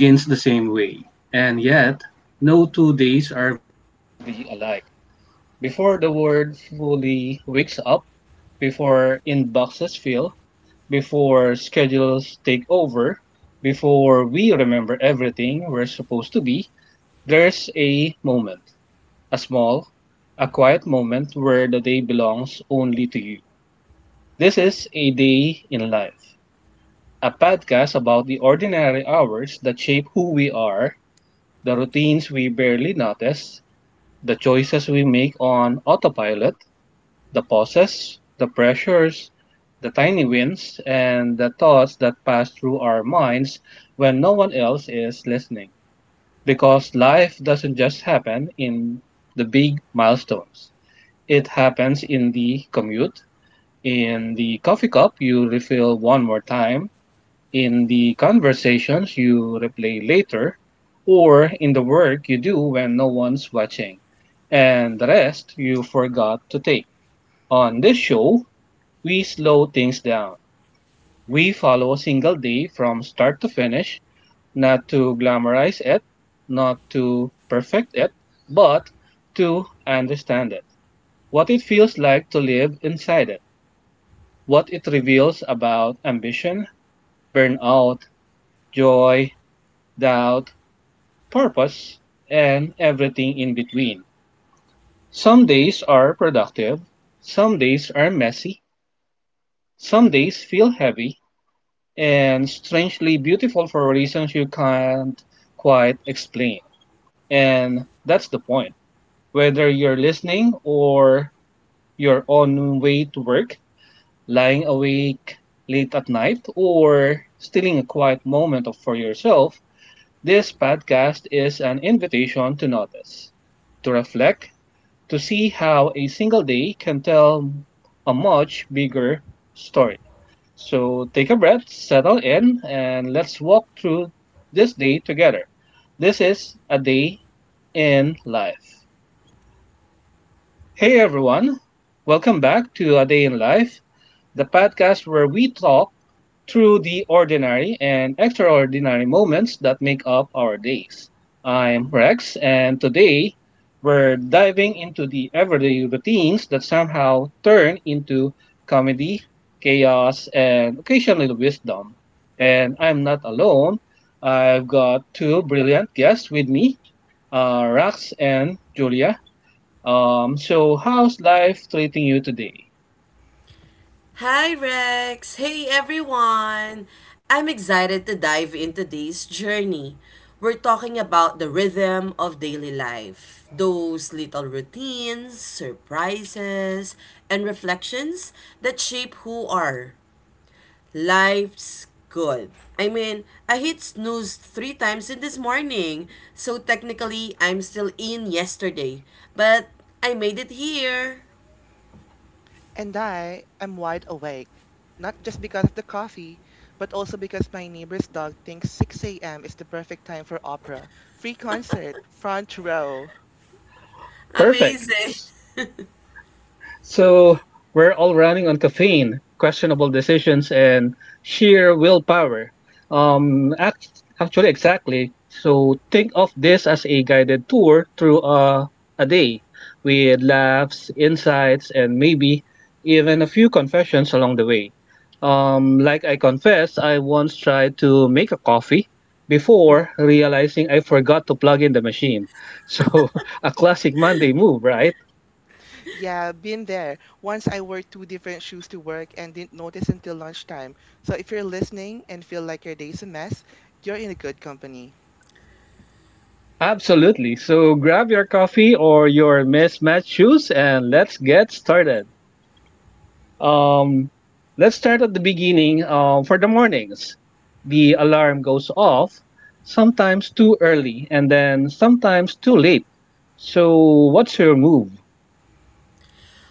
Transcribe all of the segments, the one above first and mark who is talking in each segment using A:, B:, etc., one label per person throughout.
A: Every day begins the same way, and yet no two days are be alike. Before the world fully wakes up, before inboxes fill, before schedules take over, before we remember everything we're supposed to be, there's a moment, a small, a quiet moment where the day belongs only to you. This is a day in life, a podcast about the ordinary hours that shape who we are, the routines we barely notice, the choices we make on autopilot, the pauses, the pressures, the tiny wins, and the thoughts that pass through our minds when no one else is listening. Because life doesn't just happen in the big milestones, it happens in the commute, in the coffee cup you refill one more time, in the conversations you replay later, or in the work you do when no one's watching, and the rest you forgot to take. On this show, we slow things down. We follow a single day from start to finish, not to glamorize it, not to perfect it, but to understand it. What it feels like to live inside it. What it reveals about ambition, burnout, joy, doubt, purpose, and everything in between. Some days are productive, some days are messy, some days feel heavy, and strangely beautiful for reasons you can't quite explain. And that's the point. Whether you're listening or you're on way to work, lying awake late at night, or stealing a quiet moment for yourself, this podcast is an invitation to notice, to reflect, to see how a single day can tell a much bigger story. So take a breath, settle in, and let's walk through this day together. This is A Day in Life. Hey everyone, welcome back to A Day in Life, the podcast where we talk through the ordinary and extraordinary moments that make up our days. I'm Rex, and today we're diving into the everyday routines that somehow turn into comedy, chaos, and occasional wisdom. And I'm not alone. I've got two brilliant guests with me, Rax and Julia. So, how's life treating you today?
B: Hi, Rex. Hey, everyone. I'm excited to dive into today's journey. We're talking about the rhythm of daily life, those little routines, surprises, and reflections that shape who are life's good. I mean, I hit snooze three times in this morning, so technically I'm still in yesterday, but I made it here.
C: And I am wide awake, not just because of the coffee, but also because my neighbor's dog thinks 6 a.m. is the perfect time for opera. Free concert, front row.
A: Perfect.
B: Amazing.
A: So we're all running on caffeine, questionable decisions, and sheer willpower. Actually, exactly. So think of this as a guided tour through a day with laughs, insights, and maybe even a few confessions along the way. Like I confessed, I once tried to make a coffee before realizing I forgot to plug in the machine. So, a classic Monday move, right?
C: Yeah, been there. Once I wore two different shoes to work and didn't notice until lunchtime. So if you're listening and feel like your day's a mess, you're in a good company.
A: Absolutely. So grab your coffee or your mismatched shoes and let's get started. Um, let's start at the beginning. For the mornings, the alarm goes off, sometimes too early and then sometimes too late. So, what's your move?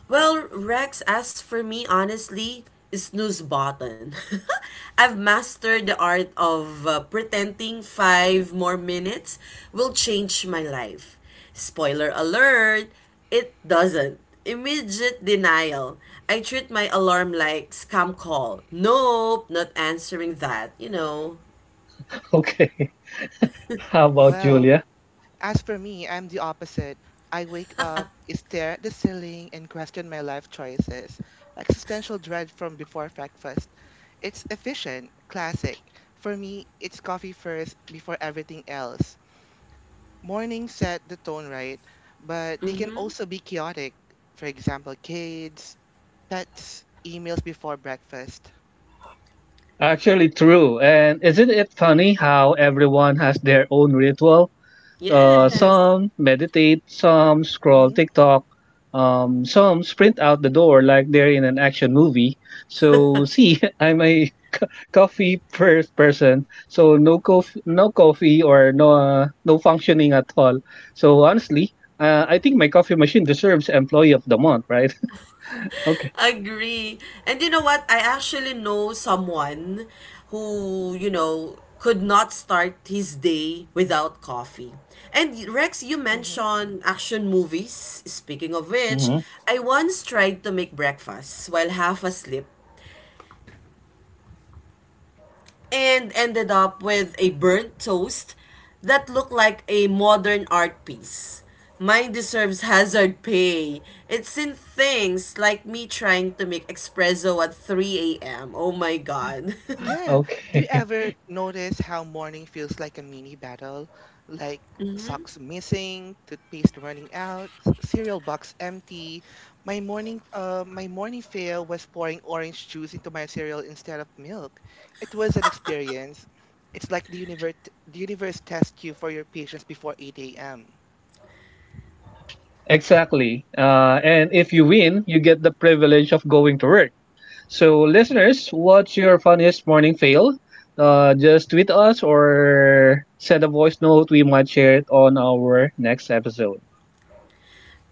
B: Well, Rex, as for me, honestly, snooze button. I've mastered the art of pretending 5 more minutes will change my life. Spoiler alert, it doesn't. Immediate denial. I treat my alarm like scam call. Nope, not answering that.
A: Okay, how about
C: Well,
A: Julia?
C: as for me, I'm the opposite. I wake up, stare at the ceiling, and question my life choices. Existential dread from before breakfast. It's efficient, classic. For me, it's coffee first before everything else. Mornings set the tone right, but they can also be chaotic. For example, kids, pets, emails before breakfast.
A: Actually, true. And isn't it funny how everyone has their own ritual? Uh,
C: Hmm.
B: Yes.
A: some meditate, some scroll
C: Hmm.
A: TikTok, some sprint out the door like they're in an action movie. So, see, I'm a coffee person. So no coffee, no coffee or no functioning at all. So honestly, I think my coffee machine deserves employee of the month, right? Okay.
B: Agree. And you know what? I actually know someone who could not start his day without coffee. And Rex, you mentioned action movies. Speaking of which,
A: Hmm.
B: I once tried to make breakfast while half asleep and ended up with a burnt toast that looked like a modern art piece. Mine deserves hazard pay. It's in things like me trying to make espresso at 3 a.m. Oh my God.
C: Yeah. Do you
A: Okay,
C: ever notice how morning feels like a mini battle? Like socks missing, toothpaste running out, cereal box empty. My morning fail was pouring orange juice into my cereal instead of milk. It was an experience. It's like the universe tests you for your patience before 8 a.m.
A: exactly. And if you win, you get the privilege of going to work. So, listeners, what's your funniest morning fail? Just tweet us or send a voice note. We might share it on our next episode.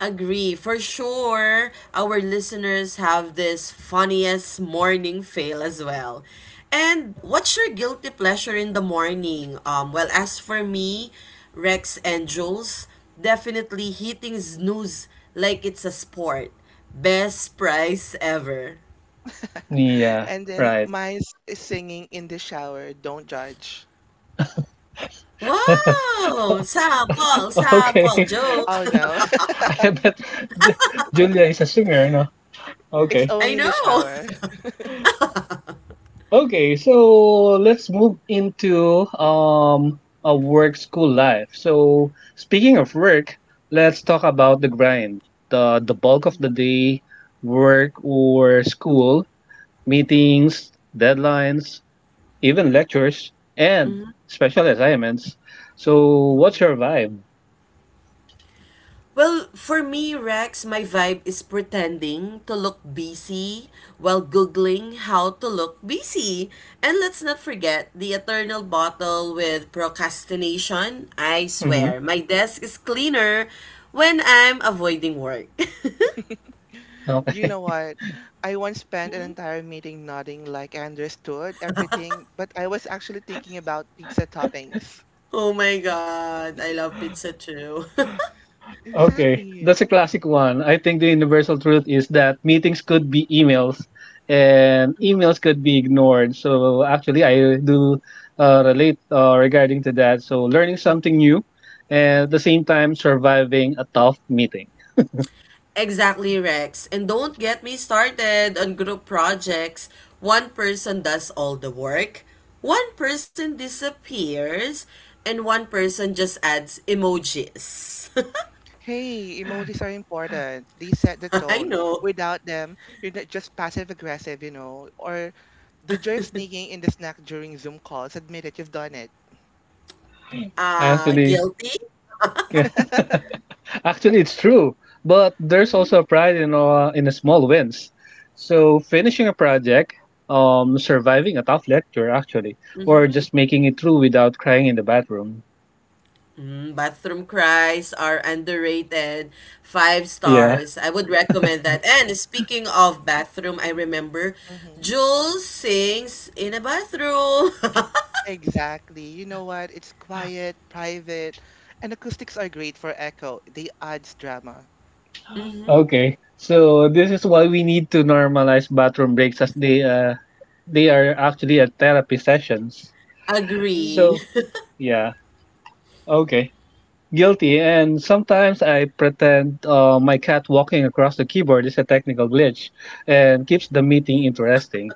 B: Agree. For sure, our listeners have this funniest morning fail as well. And what's your guilty pleasure in the morning? Well, as for me, Rex and Jules, definitely hitting snooze like it's a sport. Best price ever.
A: Yeah,
C: And then
A: right.
C: mine is singing in the shower, don't judge.
B: Wow! Sample, sample, joke.
A: Okay.
C: Oh no,
A: I bet Julia is a singer, no?
B: I
C: it's
A: Okay.
C: only in the
B: know.
C: shower.
A: Okay, so let's move into a work school life. So speaking of work, let's talk about the grind. The bulk of the
C: Mhm.
A: day, work or school, meetings, deadlines, even lectures and special assignments. So what's
C: Mhm.
A: your vibe?
B: Well, for me, Rex, my vibe is pretending to look busy while Googling how to look busy. And let's not forget the eternal bottle with procrastination. I
A: Mm-hmm.
B: swear, my desk is cleaner when I'm avoiding work.
C: You
A: Okay.
C: know what? I once spent an entire meeting nodding like I understood everything, but I was actually thinking about pizza toppings.
B: Oh my God, I love pizza too.
A: Okay,
C: Exactly.
A: that's a classic one. I think the universal truth is that meetings could be emails and emails could be ignored. So actually, I do relate regarding to that. So learning something new and at the same time surviving a tough meeting.
B: Exactly, Rex. And don't get me started on group projects. One person does all the work, one person disappears, and one person just adds emojis.
C: Hey, emojis are important. They set the
B: I
C: tone.
B: know.
C: Without them, you're not just passive aggressive, you know, or the joy of sneaking in the snack during Zoom calls. Admit it, you've done it.
B: Uh,
A: Actually,
B: guilty?
A: yeah. Actually, it's true, but there's also a pride in the small wins. So finishing a project, surviving a tough lecture actually, or just making it through without crying in the bathroom.
B: Mm, bathroom cries are underrated. Five
A: Yeah.
B: stars. I would recommend that. And speaking of bathroom, I remember
C: Hmm.
B: Jules sings in a bathroom.
C: Exactly. You know what? It's quiet, private, and acoustics are great for echo. They adds drama.
A: Okay. So this is why we need to normalize bathroom breaks as they are actually a therapy sessions.
C: Hmm.
B: Agree.
A: So yeah. Okay. Guilty. And sometimes I pretend my cat walking across the keyboard is a technical glitch and keeps the meeting interesting.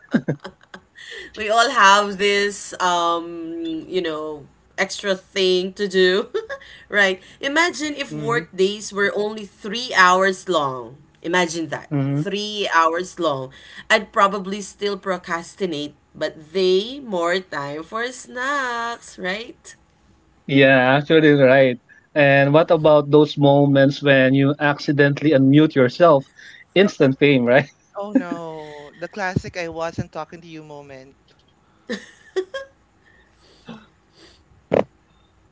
B: We all have this extra thing to do. Right, imagine if
A: Mm-hmm.
B: work days were only 3 hours long. Imagine that,
A: Mm-hmm.
B: 3 hours long. I'd probably still procrastinate, but they more time for snacks, right?
A: Yeah, actually right. And what about those moments when you accidentally unmute yourself? Instant fame, right?
C: Oh no, the classic I wasn't talking to you moment.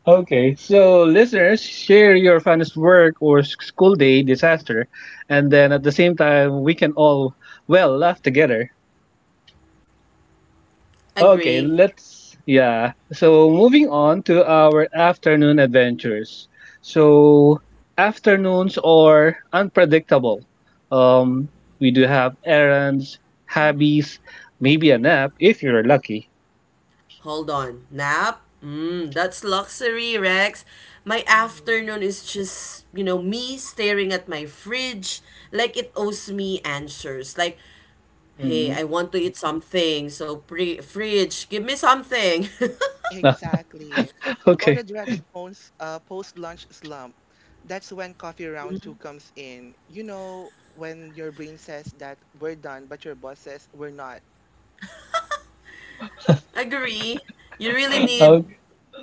A: Okay, so listeners, share your funniest work or school day disaster, and then at the same time, we can all, well, laugh together. Okay,
B: Agree.
A: let's, yeah. So moving on to our afternoon adventures. So, afternoons are unpredictable. Um, we do have errands, hobbies, maybe a nap if you're lucky.
B: Hold on. Nap? Hmm, that's luxury, Rex. My
C: Mhm.
B: afternoon is just me staring at my fridge like it owes me answers. Like, hey,
A: Mm.
B: I want to eat something, so fridge, give me something.
C: Exactly. Or the
A: Okay.
C: dreaded post-lunch slump. That's when coffee round two comes in. You know, when your brain says that we're done, but your boss says we're not.
B: Agree. You really
C: Hmm.
B: need
A: Okay.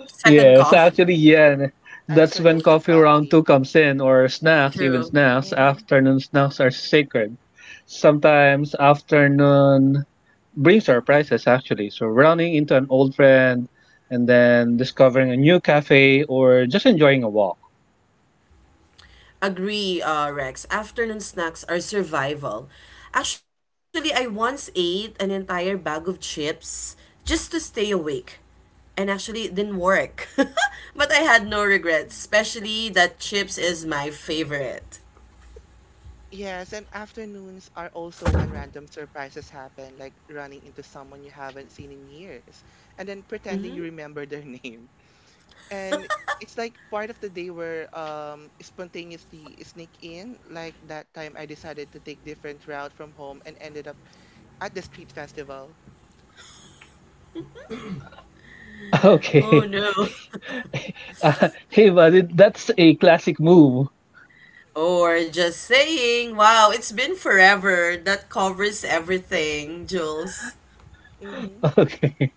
B: second
A: Yes,
B: coffee.
A: actually, yeah. That's
C: Extra
A: when
C: dose of
A: coffee round two
C: coffee.
A: comes in, or snacks, even
B: True.
A: snacks.
C: Hmm.
A: Afternoon snacks are sacred. Sometimes afternoon brings surprises, actually. So running into an old friend and then discovering a new cafe or just enjoying a walk.
B: Agree, Rex. Afternoon snacks are survival. Actually, I once ate an entire bag of chips just to stay awake. And actually, it didn't work. But I had no regrets, especially that chips is my favorite.
C: Yes, and afternoons are also when random surprises happen, like running into someone you haven't seen in years and then pretending you remember their name. And it's like part of the day where spontaneously sneak in, like that time I decided to take different route from home and ended up at the street festival.
B: Oh
A: Okay.
B: no.
A: Hey, buddy, that's a classic move.
B: Or just saying, wow, it's been forever. That covers everything, Jules.
C: Mm-hmm.
A: Okay.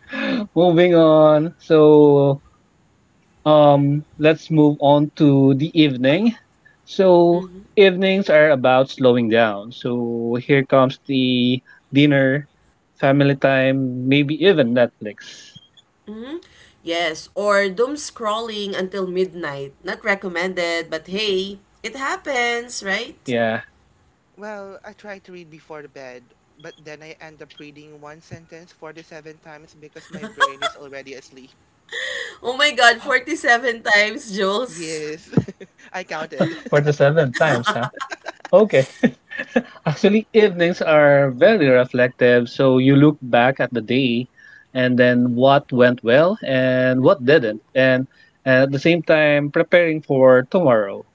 A: Moving on. So let's move on to the evening. So, evenings are about slowing down. So, here comes the dinner, family time, maybe even Netflix.
B: Yes, or doom scrolling until midnight. Not recommended, but hey, it happens, right?
A: Yeah,
C: Well, I tried to read before the bed, but then I end up reading one sentence 47 times because my brain is already asleep.
B: Oh my God, 47 times, Jules.
C: Yes. I counted.
A: for the seven times, huh? Okay. Actually, evenings are very reflective. So, you look back at the day and then what went well and what didn't. And at the same time, preparing for tomorrow.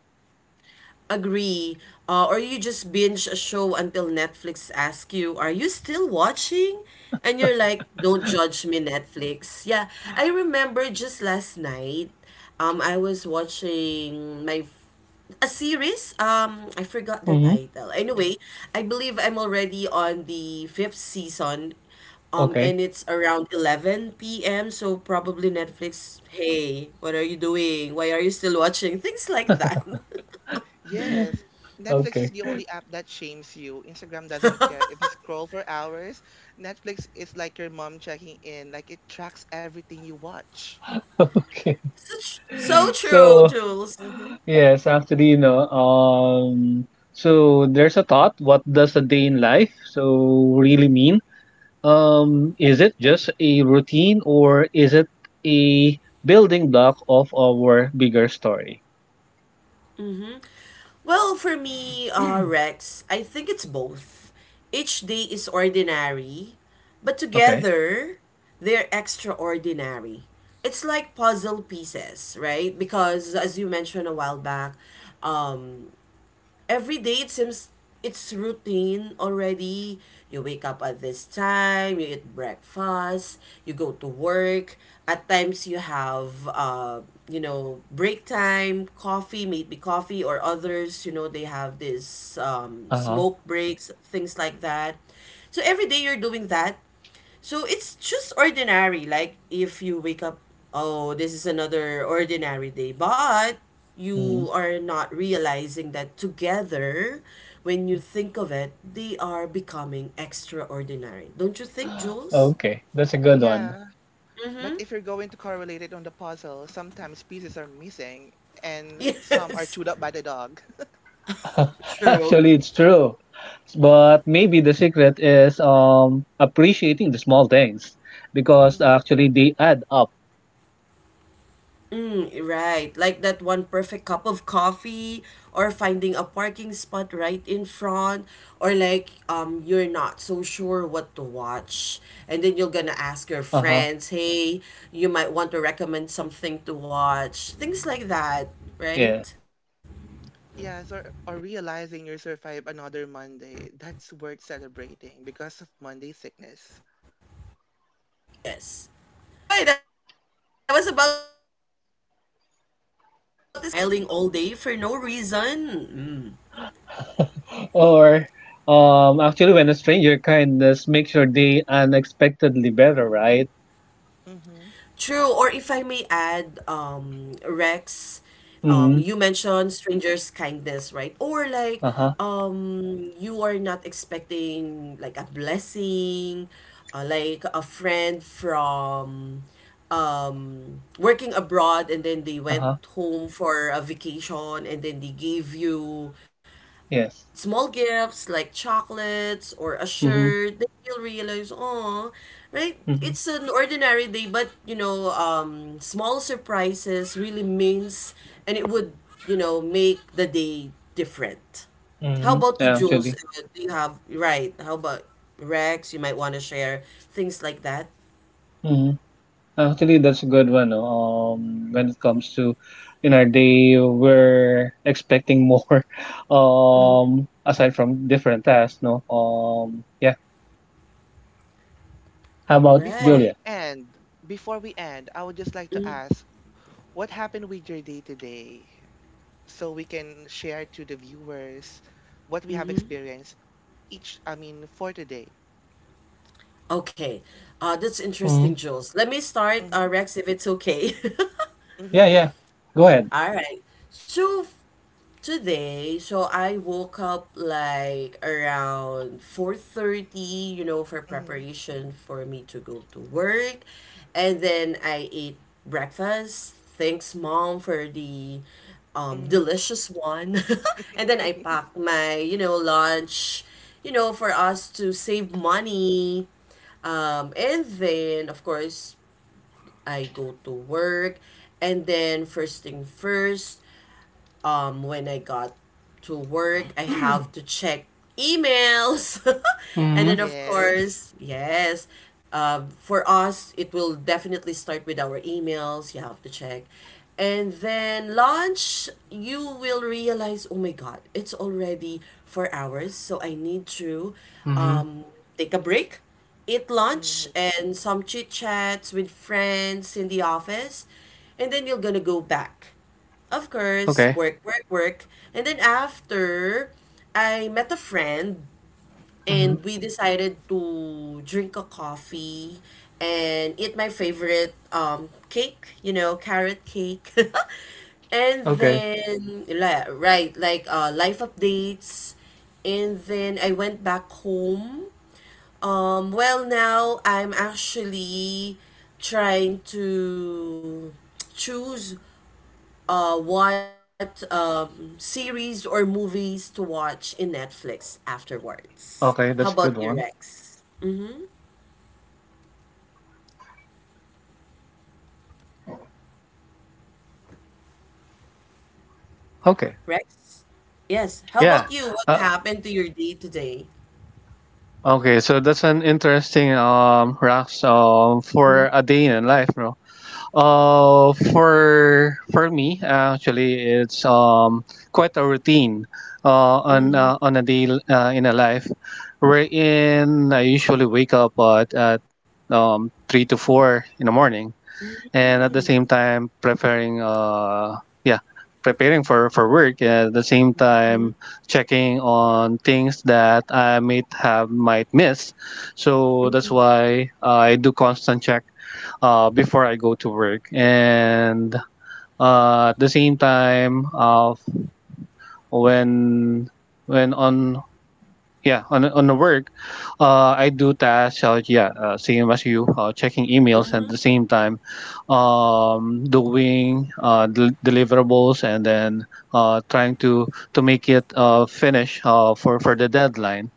B: Agree. Or you just binge a show until Netflix asks you, "Are you still watching?" And you're like, "Don't judge me, Netflix." Yeah, I remember just last night. I was watching my a series. I forgot the
A: Mm-hmm.
B: title. Anyway, I believe I'm already on the fifth season. Um,
A: Okay.
B: and it's around 11 p.m. So probably Netflix, "Hey, what are you doing? Why are you still watching?" Things like that.
C: Yes. Netflix is
A: Okay.
C: the only app that shames you. Instagram doesn't care. If you scroll for hours, Netflix is like your mom checking in. Like it tracks everything you watch.
A: Okay.
B: So true,
A: So,
B: Jules.
C: Mm-hmm.
A: yes, actually, you know, so there's a thought, what does a day in life so really mean? Is it just a routine or is it a building block of our bigger story?
B: Well, for me, Rex, I think it's both. Each day is ordinary, but
A: Okay.
B: together, they're extraordinary. It's like puzzle pieces, right? Because as you mentioned a while back, um, every day it seems it's routine already. You wake up at this time, you eat breakfast, you go to work. At times you have break time, coffee, maybe coffee or others, they have this um
A: Uh-huh.
B: smoke breaks, things like that. So every day you're doing that, so it's just ordinary, like if you wake up, oh, this is another ordinary day, but
A: Mhm.
B: you are not realizing that together, when you think of it, they are becoming extraordinary. Don't you think, Jules?
A: Okay, that's a good one.
C: Yeah. But
B: Mm-hmm.
C: if you're going to correlate it on the puzzle, sometimes pieces are missing and some are
B: Yes,
C: chewed up by the dog.
B: true.
A: Actually, it's true. But maybe the secret is appreciating the small things because
C: Hmm.
A: actually they add up.
B: Right, like that one perfect cup of coffee, or finding a parking spot right in front, or like you're not so sure what to watch, and then you're gonna ask your
A: Uh-huh.
B: friends, hey, you might want to recommend something to watch, things like that,
A: Yes.
B: right?
C: Yes, or realizing you survived another Monday. That's worth celebrating because of
B: Oh
C: Monday
B: yes,
C: sickness.
B: true, right? I was about to say that, Jules. The moment when you realize you've been smiling all day for no reason.
A: Or actually, when a stranger kindness makes your day unexpectedly better, right?
C: Hmm.
B: True. Or if I may add, um, Rex, um,
A: Mm-hmm.
B: you mentioned strangers' kindness, right? Or like,
A: Uh-huh.
B: um, you are not expecting like a blessing, like a friend from working abroad, and then they went
A: Uh-huh.
B: home for a vacation, and then they gave you
A: Yes.
B: small gifts like chocolates or a
A: Mm-hmm.
B: shirt, then you'll realize, oh, right?
A: Mm-hmm.
B: It's an ordinary day, but small surprises really means, and it would make the day different. How
A: Mm-hmm.
B: about you,
A: Yeah,
B: Jules?
A: actually.
B: Do you have, right? How about Rex? You might want to share things like that.
A: Mm-hmm. Actually, that's a good one, no? When it comes to in our day, we're expecting more. Aside from different tasks, no. Yeah. How about
C: Before
B: Right.
C: we
A: Julia?
C: end, before we end, I would just like to ask what happened with your day today so we can share to the viewers what we have experienced each. I mean, for today.
B: Okay. That's interesting,
A: Mm-hmm.
B: Jules. Let me start,
C: Mm-hmm.
B: uh, Rex, if it's okay.
C: Mm-hmm.
A: Yeah, yeah. Go ahead.
B: All right. So f- today, so I woke up like around 4:30, you know, for
C: Mm-hmm.
B: preparation for me to go to work. And then I ate breakfast. Thanks, Mom, for the
C: Mm-hmm.
B: delicious one. And then I packed my lunch, for us to save money. And then, of course, I go to work. And then first thing first, when I got to work, I have to check emails. And
A: Mm-hmm.
B: then, of
C: Yes.
B: course, yes, for us it will definitely start with our emails. You have to check. And then lunch, you will realize, oh my God, it's already 4 hours, so I need to
A: Mm-hmm.
B: um, take a break, eat lunch
C: Mm-hmm.
B: and some chit chats with friends in the office, and then you're gonna go back. Of course,
A: Okay.
B: work, work, work. And then after, I met a friend
A: Mm-hmm.
B: and we decided to drink a coffee and eat my favorite cake, carrot cake. And
A: Okay.
B: then la right, like life updates. And then I went back home. Well, now I'm actually trying to choose what series or movies to watch in Netflix afterwards.
A: Okay,
B: How
A: that's a
B: about
A: good
B: you,
A: one.
B: Rex? Mm-hmm.
A: Okay.
B: Rex? Yes. How
A: Yeah.
B: about you? What
A: Uh,
B: happened to your day today?
A: okay. So that's an interesting rocks
B: Mm-hmm.
A: for a day in a life, bro. For me actually, it's quite a routine uh on
B: Mm.
A: uh, on a day in a life, wherein I usually wake up at 3 to 4 in the morning and at the
C: Mm-hmm.
A: same time preparing yeah, preparing for work and at the same
C: Mm-hmm.
A: time checking on things that I might have might miss, so that's why I do constant check before I go to work and at the same time of when when on yeah, on the work, I do tasks. Yeah, same as you, checking emails and at the same time, doing deliverables and then trying to make it finish for the deadline.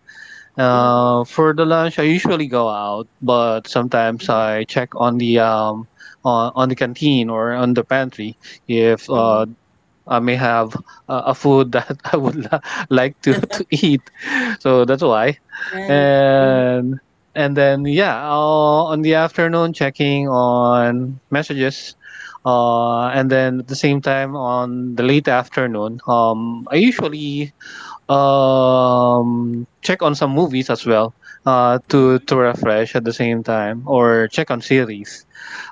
A: For the lunch, I usually go out, but sometimes I check on the canteen or on the pantry if I may have a food that I would like to eat. So that's why.
B: Right. Mm-hmm.
A: And and then yeah, I'll, on the afternoon checking on messages. And then at the same time on the late afternoon, I usually check on some movies as well
B: Mm-hmm.
A: to refresh at the same time or check on series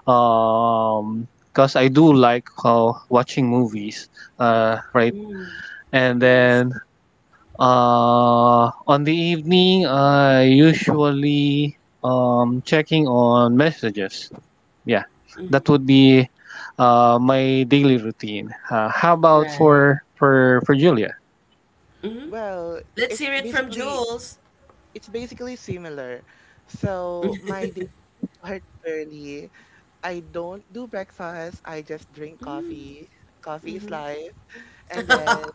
A: because I do like how watching movies right and
B: Yes.
A: then on the evening I usually checking on messages. Yeah, that would be my daily routine. How about
B: Right.
A: for Julia?
B: Mm-hmm.
C: Well,
B: Let's hear
C: it's
B: it from
C: basically
B: Jules.
C: it's basically similar. So my day starts early. I don't do breakfast, I just drink coffee. Coffee is life. And then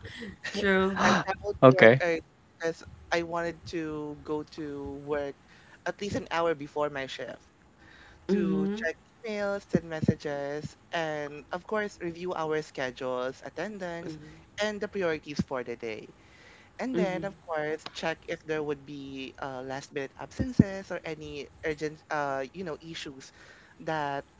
B: True.
C: I traveled to work
A: Okay.
C: early because I wanted to go to work at least an hour before my shift to
B: Mm-hmm.
C: check emails and messages, and of course, review our schedules, attendance, and the priorities for the day. And then, of course, check if there would be last minute absences or any urgent, you know, issues that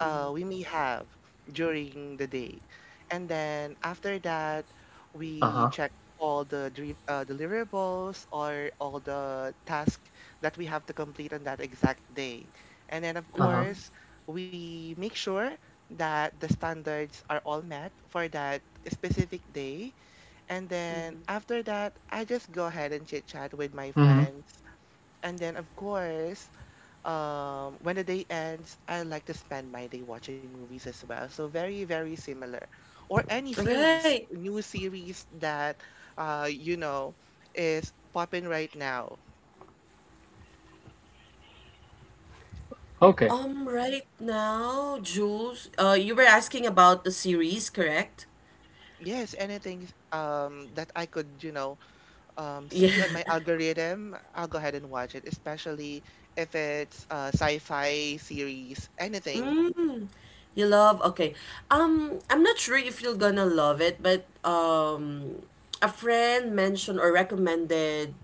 C: we may have during the day. And then after that, we
A: Uh-huh.
C: check all the deliverables or all the tasks that we have to complete on that exact day. And then, of
A: Uh-huh.
C: course, we make sure that the standards are all met for that specific day. And then after that, I just go ahead and chit chat with my
A: Mhm.
C: friends. And then, of course, when the day ends, I like to spend my day watching movies as well, so very very similar, or any
B: Right.
C: series, new series that you know is popping right now.
A: Okay.
B: Right now, Jules, you were asking about the series, correct?
C: Yes, anything that I could, you know,
B: Yeah.
C: see on my algorithm, I'll go ahead and watch it, especially if it's a sci-fi series, anything.
B: Mm, you love. Okay. I'm not sure if you're gonna love it, but a friend mentioned or recommended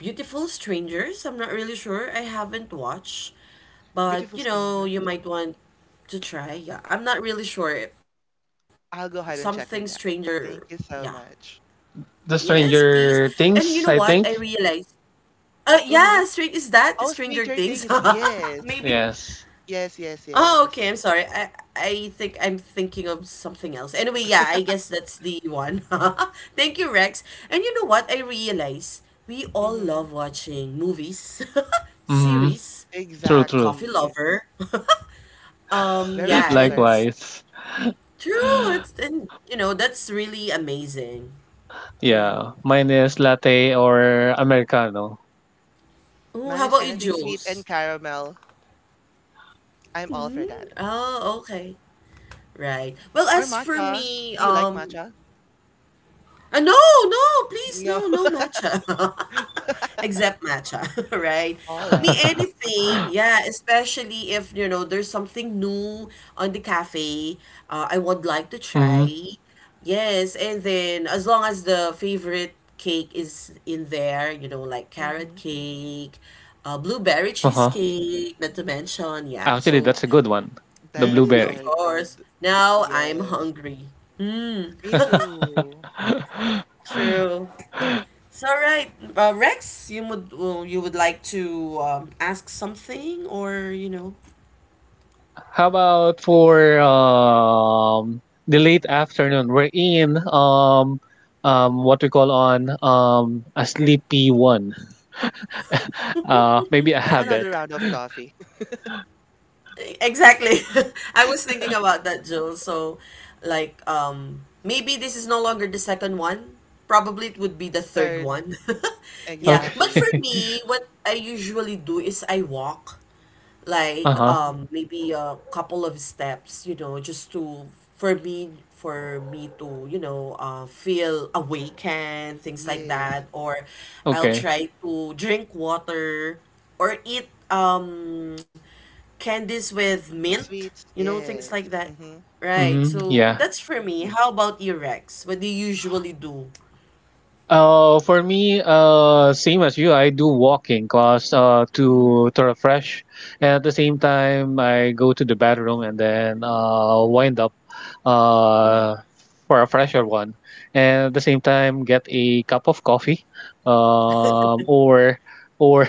B: Beautiful Strangers. I'm not really sure. I haven't watched,
C: Beautiful
B: but
C: Strangers.
B: you might want to try. Yeah, I'm not really sure. Something
C: I'll go
B: strange.
C: ahead and check on that.
B: Yeah.
C: Thank you so much.
B: Yes,
A: The
B: please.
A: Stranger
B: And you know what?
A: Things,
B: I
A: I think.
B: realized. Uh, yeah,
C: Mm-hmm.
B: straight is that the
C: Oh,
B: Stranger
C: Stranger
B: Things?
C: Things, yes.
B: Maybe.
A: Yes.
C: Yes, yes,
B: Oh,
C: yes.
B: okay. I'm sorry. I think I'm thinking of something else. Anyway, yeah, I guess that's the one. Thank you, Rex. And you know what? I realize we all
C: Mm-hmm.
B: love watching movies,
A: Hmm.
B: series,
A: True, true.
B: coffee
C: Exactly.
B: lover. Um,
C: Very
B: yeah, and
C: similar.
B: it's
A: Likewise.
B: true. It's, and that's really amazing.
C: Mm-hmm.
A: Yeah. Mine is latte or Americano.
B: Oh,
C: Mine
B: how
C: is
B: about you,
C: anything sweet
B: Jules?
C: and caramel. I'm all
B: Mm-hmm.
C: for that.
B: Oh, okay. Right. Well,
C: Or
B: as for
C: matcha.
B: me,
C: Do you like
B: um,
C: matcha?
B: no, no, please,
C: No.
B: no, no matcha. Except matcha, right?
C: All
B: Me,
C: right.
B: anything, yeah, especially if there's something new on the cafe, I would like to try.
A: Hmm.
B: Yes, and then as long as the favorite cake is in there, like carrot
C: Mm-hmm.
B: cake, blueberry
A: Uh-huh.
B: cheesecake, not to mention, yeah.
A: Actually,
B: So,
A: that's a good one. The
C: That's
B: mm,
A: blueberry.
C: very
B: of
C: good.
B: course, now I'm
C: Yes.
B: hungry. Mm.
C: Me too.
B: True. So, right, Rex, you would like to ask something.
A: How about for the late afternoon? We're in what we call on a sleepy one. Maybe a
C: Another
A: habit.
C: round of coffee.
B: Exactly. I was thinking about that, Jill. So, like, maybe this is no longer the second one. Probably it would be the third
C: Third,
B: one. Yeah,
A: Okay.
B: but
C: exactly.
B: for me, what I usually do is I walk. like
A: Uh-huh.
C: Mm-hmm.
B: um maybe a couple of steps just to for me to feel awakened, things like that,
C: Yes.
B: or I'll
A: Okay.
B: try to drink water or eat candies with mint
C: Sweets,
B: you know things
C: yes.
B: like that,
C: Mm-hmm.
B: right?
A: Hmm.
B: So
A: Yeah.
B: that's for me. How about you, Rex? What do you usually do?
A: For me, same as you, I do walking cause to refresh, and at the same time I go to the bathroom and then wind up uh for a fresher one, and at the same time get a cup of coffee, um or or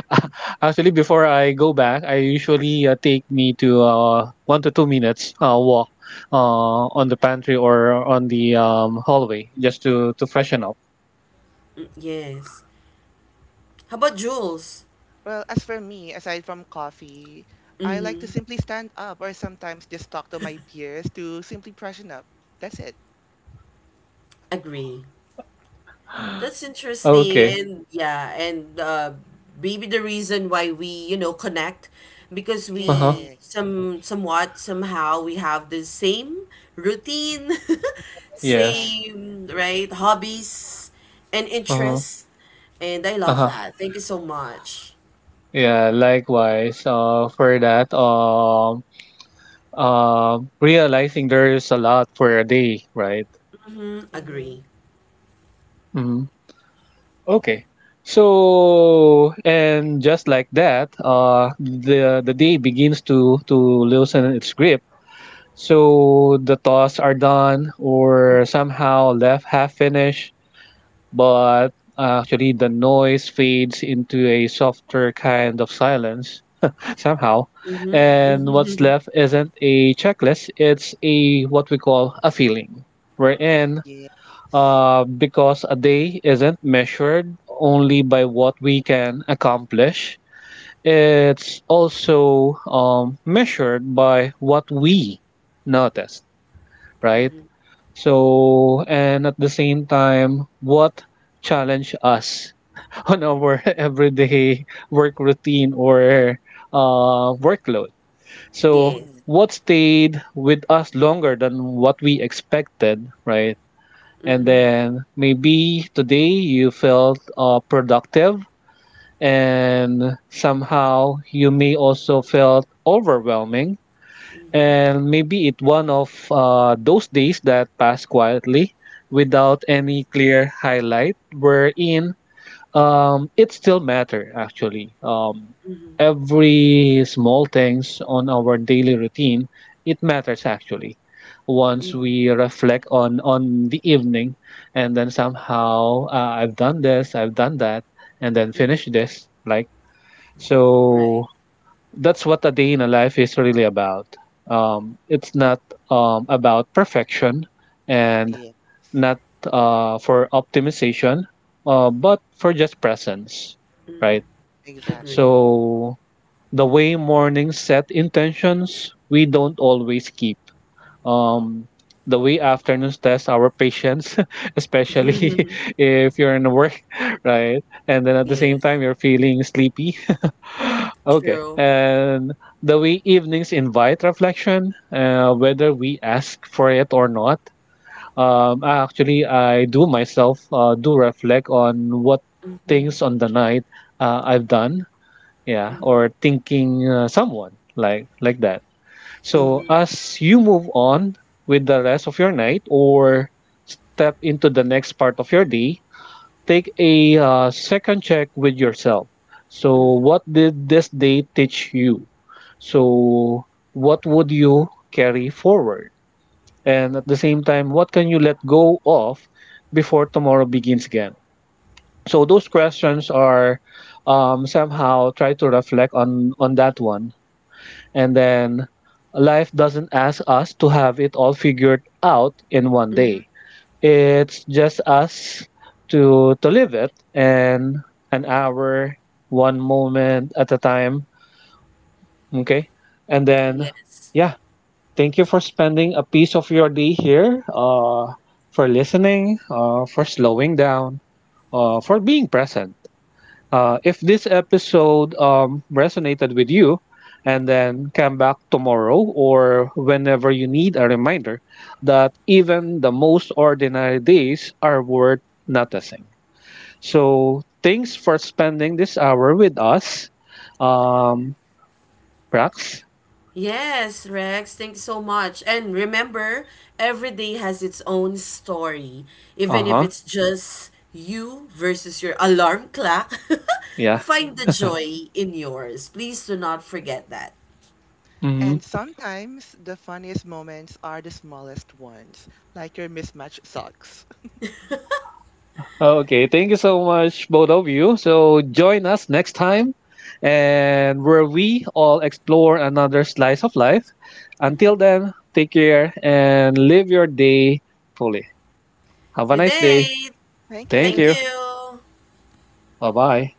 A: actually before I go back I usually take me to 1 to 2 minutes walk on the pantry or on the hallway just to freshen up.
B: Mm, yes. How about Jules?
C: Well, as for me, aside from coffee, I like to simply stand up or sometimes just talk to my peers to simply freshen up. That's it.
B: Agree. That's
A: Oh,
B: interesting.
A: okay.
B: And yeah, and maybe the reason why we connect because
A: Uh-huh.
B: we
C: Yeah.
B: somehow we have the same routine,
C: Yes,
A: Yes.
C: exactly.
B: same, right, hobbies and
A: Uh-huh.
B: interests. And I love
A: Uh-huh.
B: that. Thank you so much.
A: Yeah, likewise. For that, realizing there's a lot for a day, right?
B: Mm,
C: Mm-hmm.
B: agree.
A: Mm-hmm. Okay. So, and just like that, the day begins to loosen its grip. So the thoughts are done or somehow left half finished, but actually the noise fades into a softer kind of silence somehow.
B: Mm-hmm.
A: And
C: Mm-hmm.
A: what's left isn't a checklist, it's a what we call a feeling. Wherein,
C: Yes.
A: because a day isn't measured only by what we can accomplish, it's also measured by what we noticed, right? So, and at the same time, what challenge us on our everyday work routine or workload, so
C: Mm-hmm.
B: Yes.
A: what stayed with us longer than what we expected, right? And
B: Mm-hmm.
C: Mm-hmm.
A: then maybe today you felt productive and somehow you may also felt overwhelming. And maybe it one of those days that passed quietly without any clear highlight, wherein it still matter actually, every small things on our daily routine, it matters actually, once we reflect on the evening, and then somehow I've done this, I've done that, and then finish
B: Hmm.
A: this, like.
B: Right.
A: So that's what a day in a life is really about. It's not about perfection and
C: Yeah.
A: not for optimization,
C: Mm-hmm.
A: but for just presence,
B: Mm-hmm.
A: right?
B: Agree.
C: Exactly.
A: So the way mornings set intentions, we don't always keep. Um, the way afternoons test our patience, especially if you're in work, right? And then at the same
B: Yes.
A: time, you're feeling sleepy. Okay.
B: True.
A: And the way evenings invite reflection, whether we ask for it or not. Actually, I do myself do reflect on what
B: Mm-hmm.
A: things on the night I've done, yeah, or thinking someone like that. So
C: Mm-hmm.
B: Mm-hmm.
A: as you move on with the rest of your night or step into the next part of your day, take a second check with yourself. So what did this day teach you? So what would you carry forward, and at the same time what can you let go of before tomorrow begins again? So those questions are, somehow try to reflect on that one. And then life doesn't ask us to have it all figured out in one
B: Mm-hmm.
A: day, it's just us to live it, and an hour, one moment at a time. Okay. And then
B: Yes.
A: yeah, thank you for spending a piece of your day here, for listening, for slowing down,
C: Mm-hmm.
A: for being present. If this episode resonated with you, and then come back tomorrow or whenever you need a reminder that even the most ordinary days are worth noticing. So, thanks for spending this hour with us, um, Prax.
B: Yes, Rex, thanks so much. And remember, every day has its own story.
A: Uh
B: Even if
A: huh.
B: it's just you versus your alarm clock,
A: Yeah.
B: find the
C: Mm-hmm.
B: joy in yours. Please do not forget that.
A: Mhm.
C: And sometimes the funniest moments are the smallest ones, like your mismatched socks.
A: Okay, thank you so much, both of you. So join us next time and where we all explore another slice of life. Until then, take care and live your day fully. Have a
B: Good
A: nice day.
B: day.
C: Thank
A: Thank
B: Thank
C: you.
A: you.
B: you.
A: Bye bye.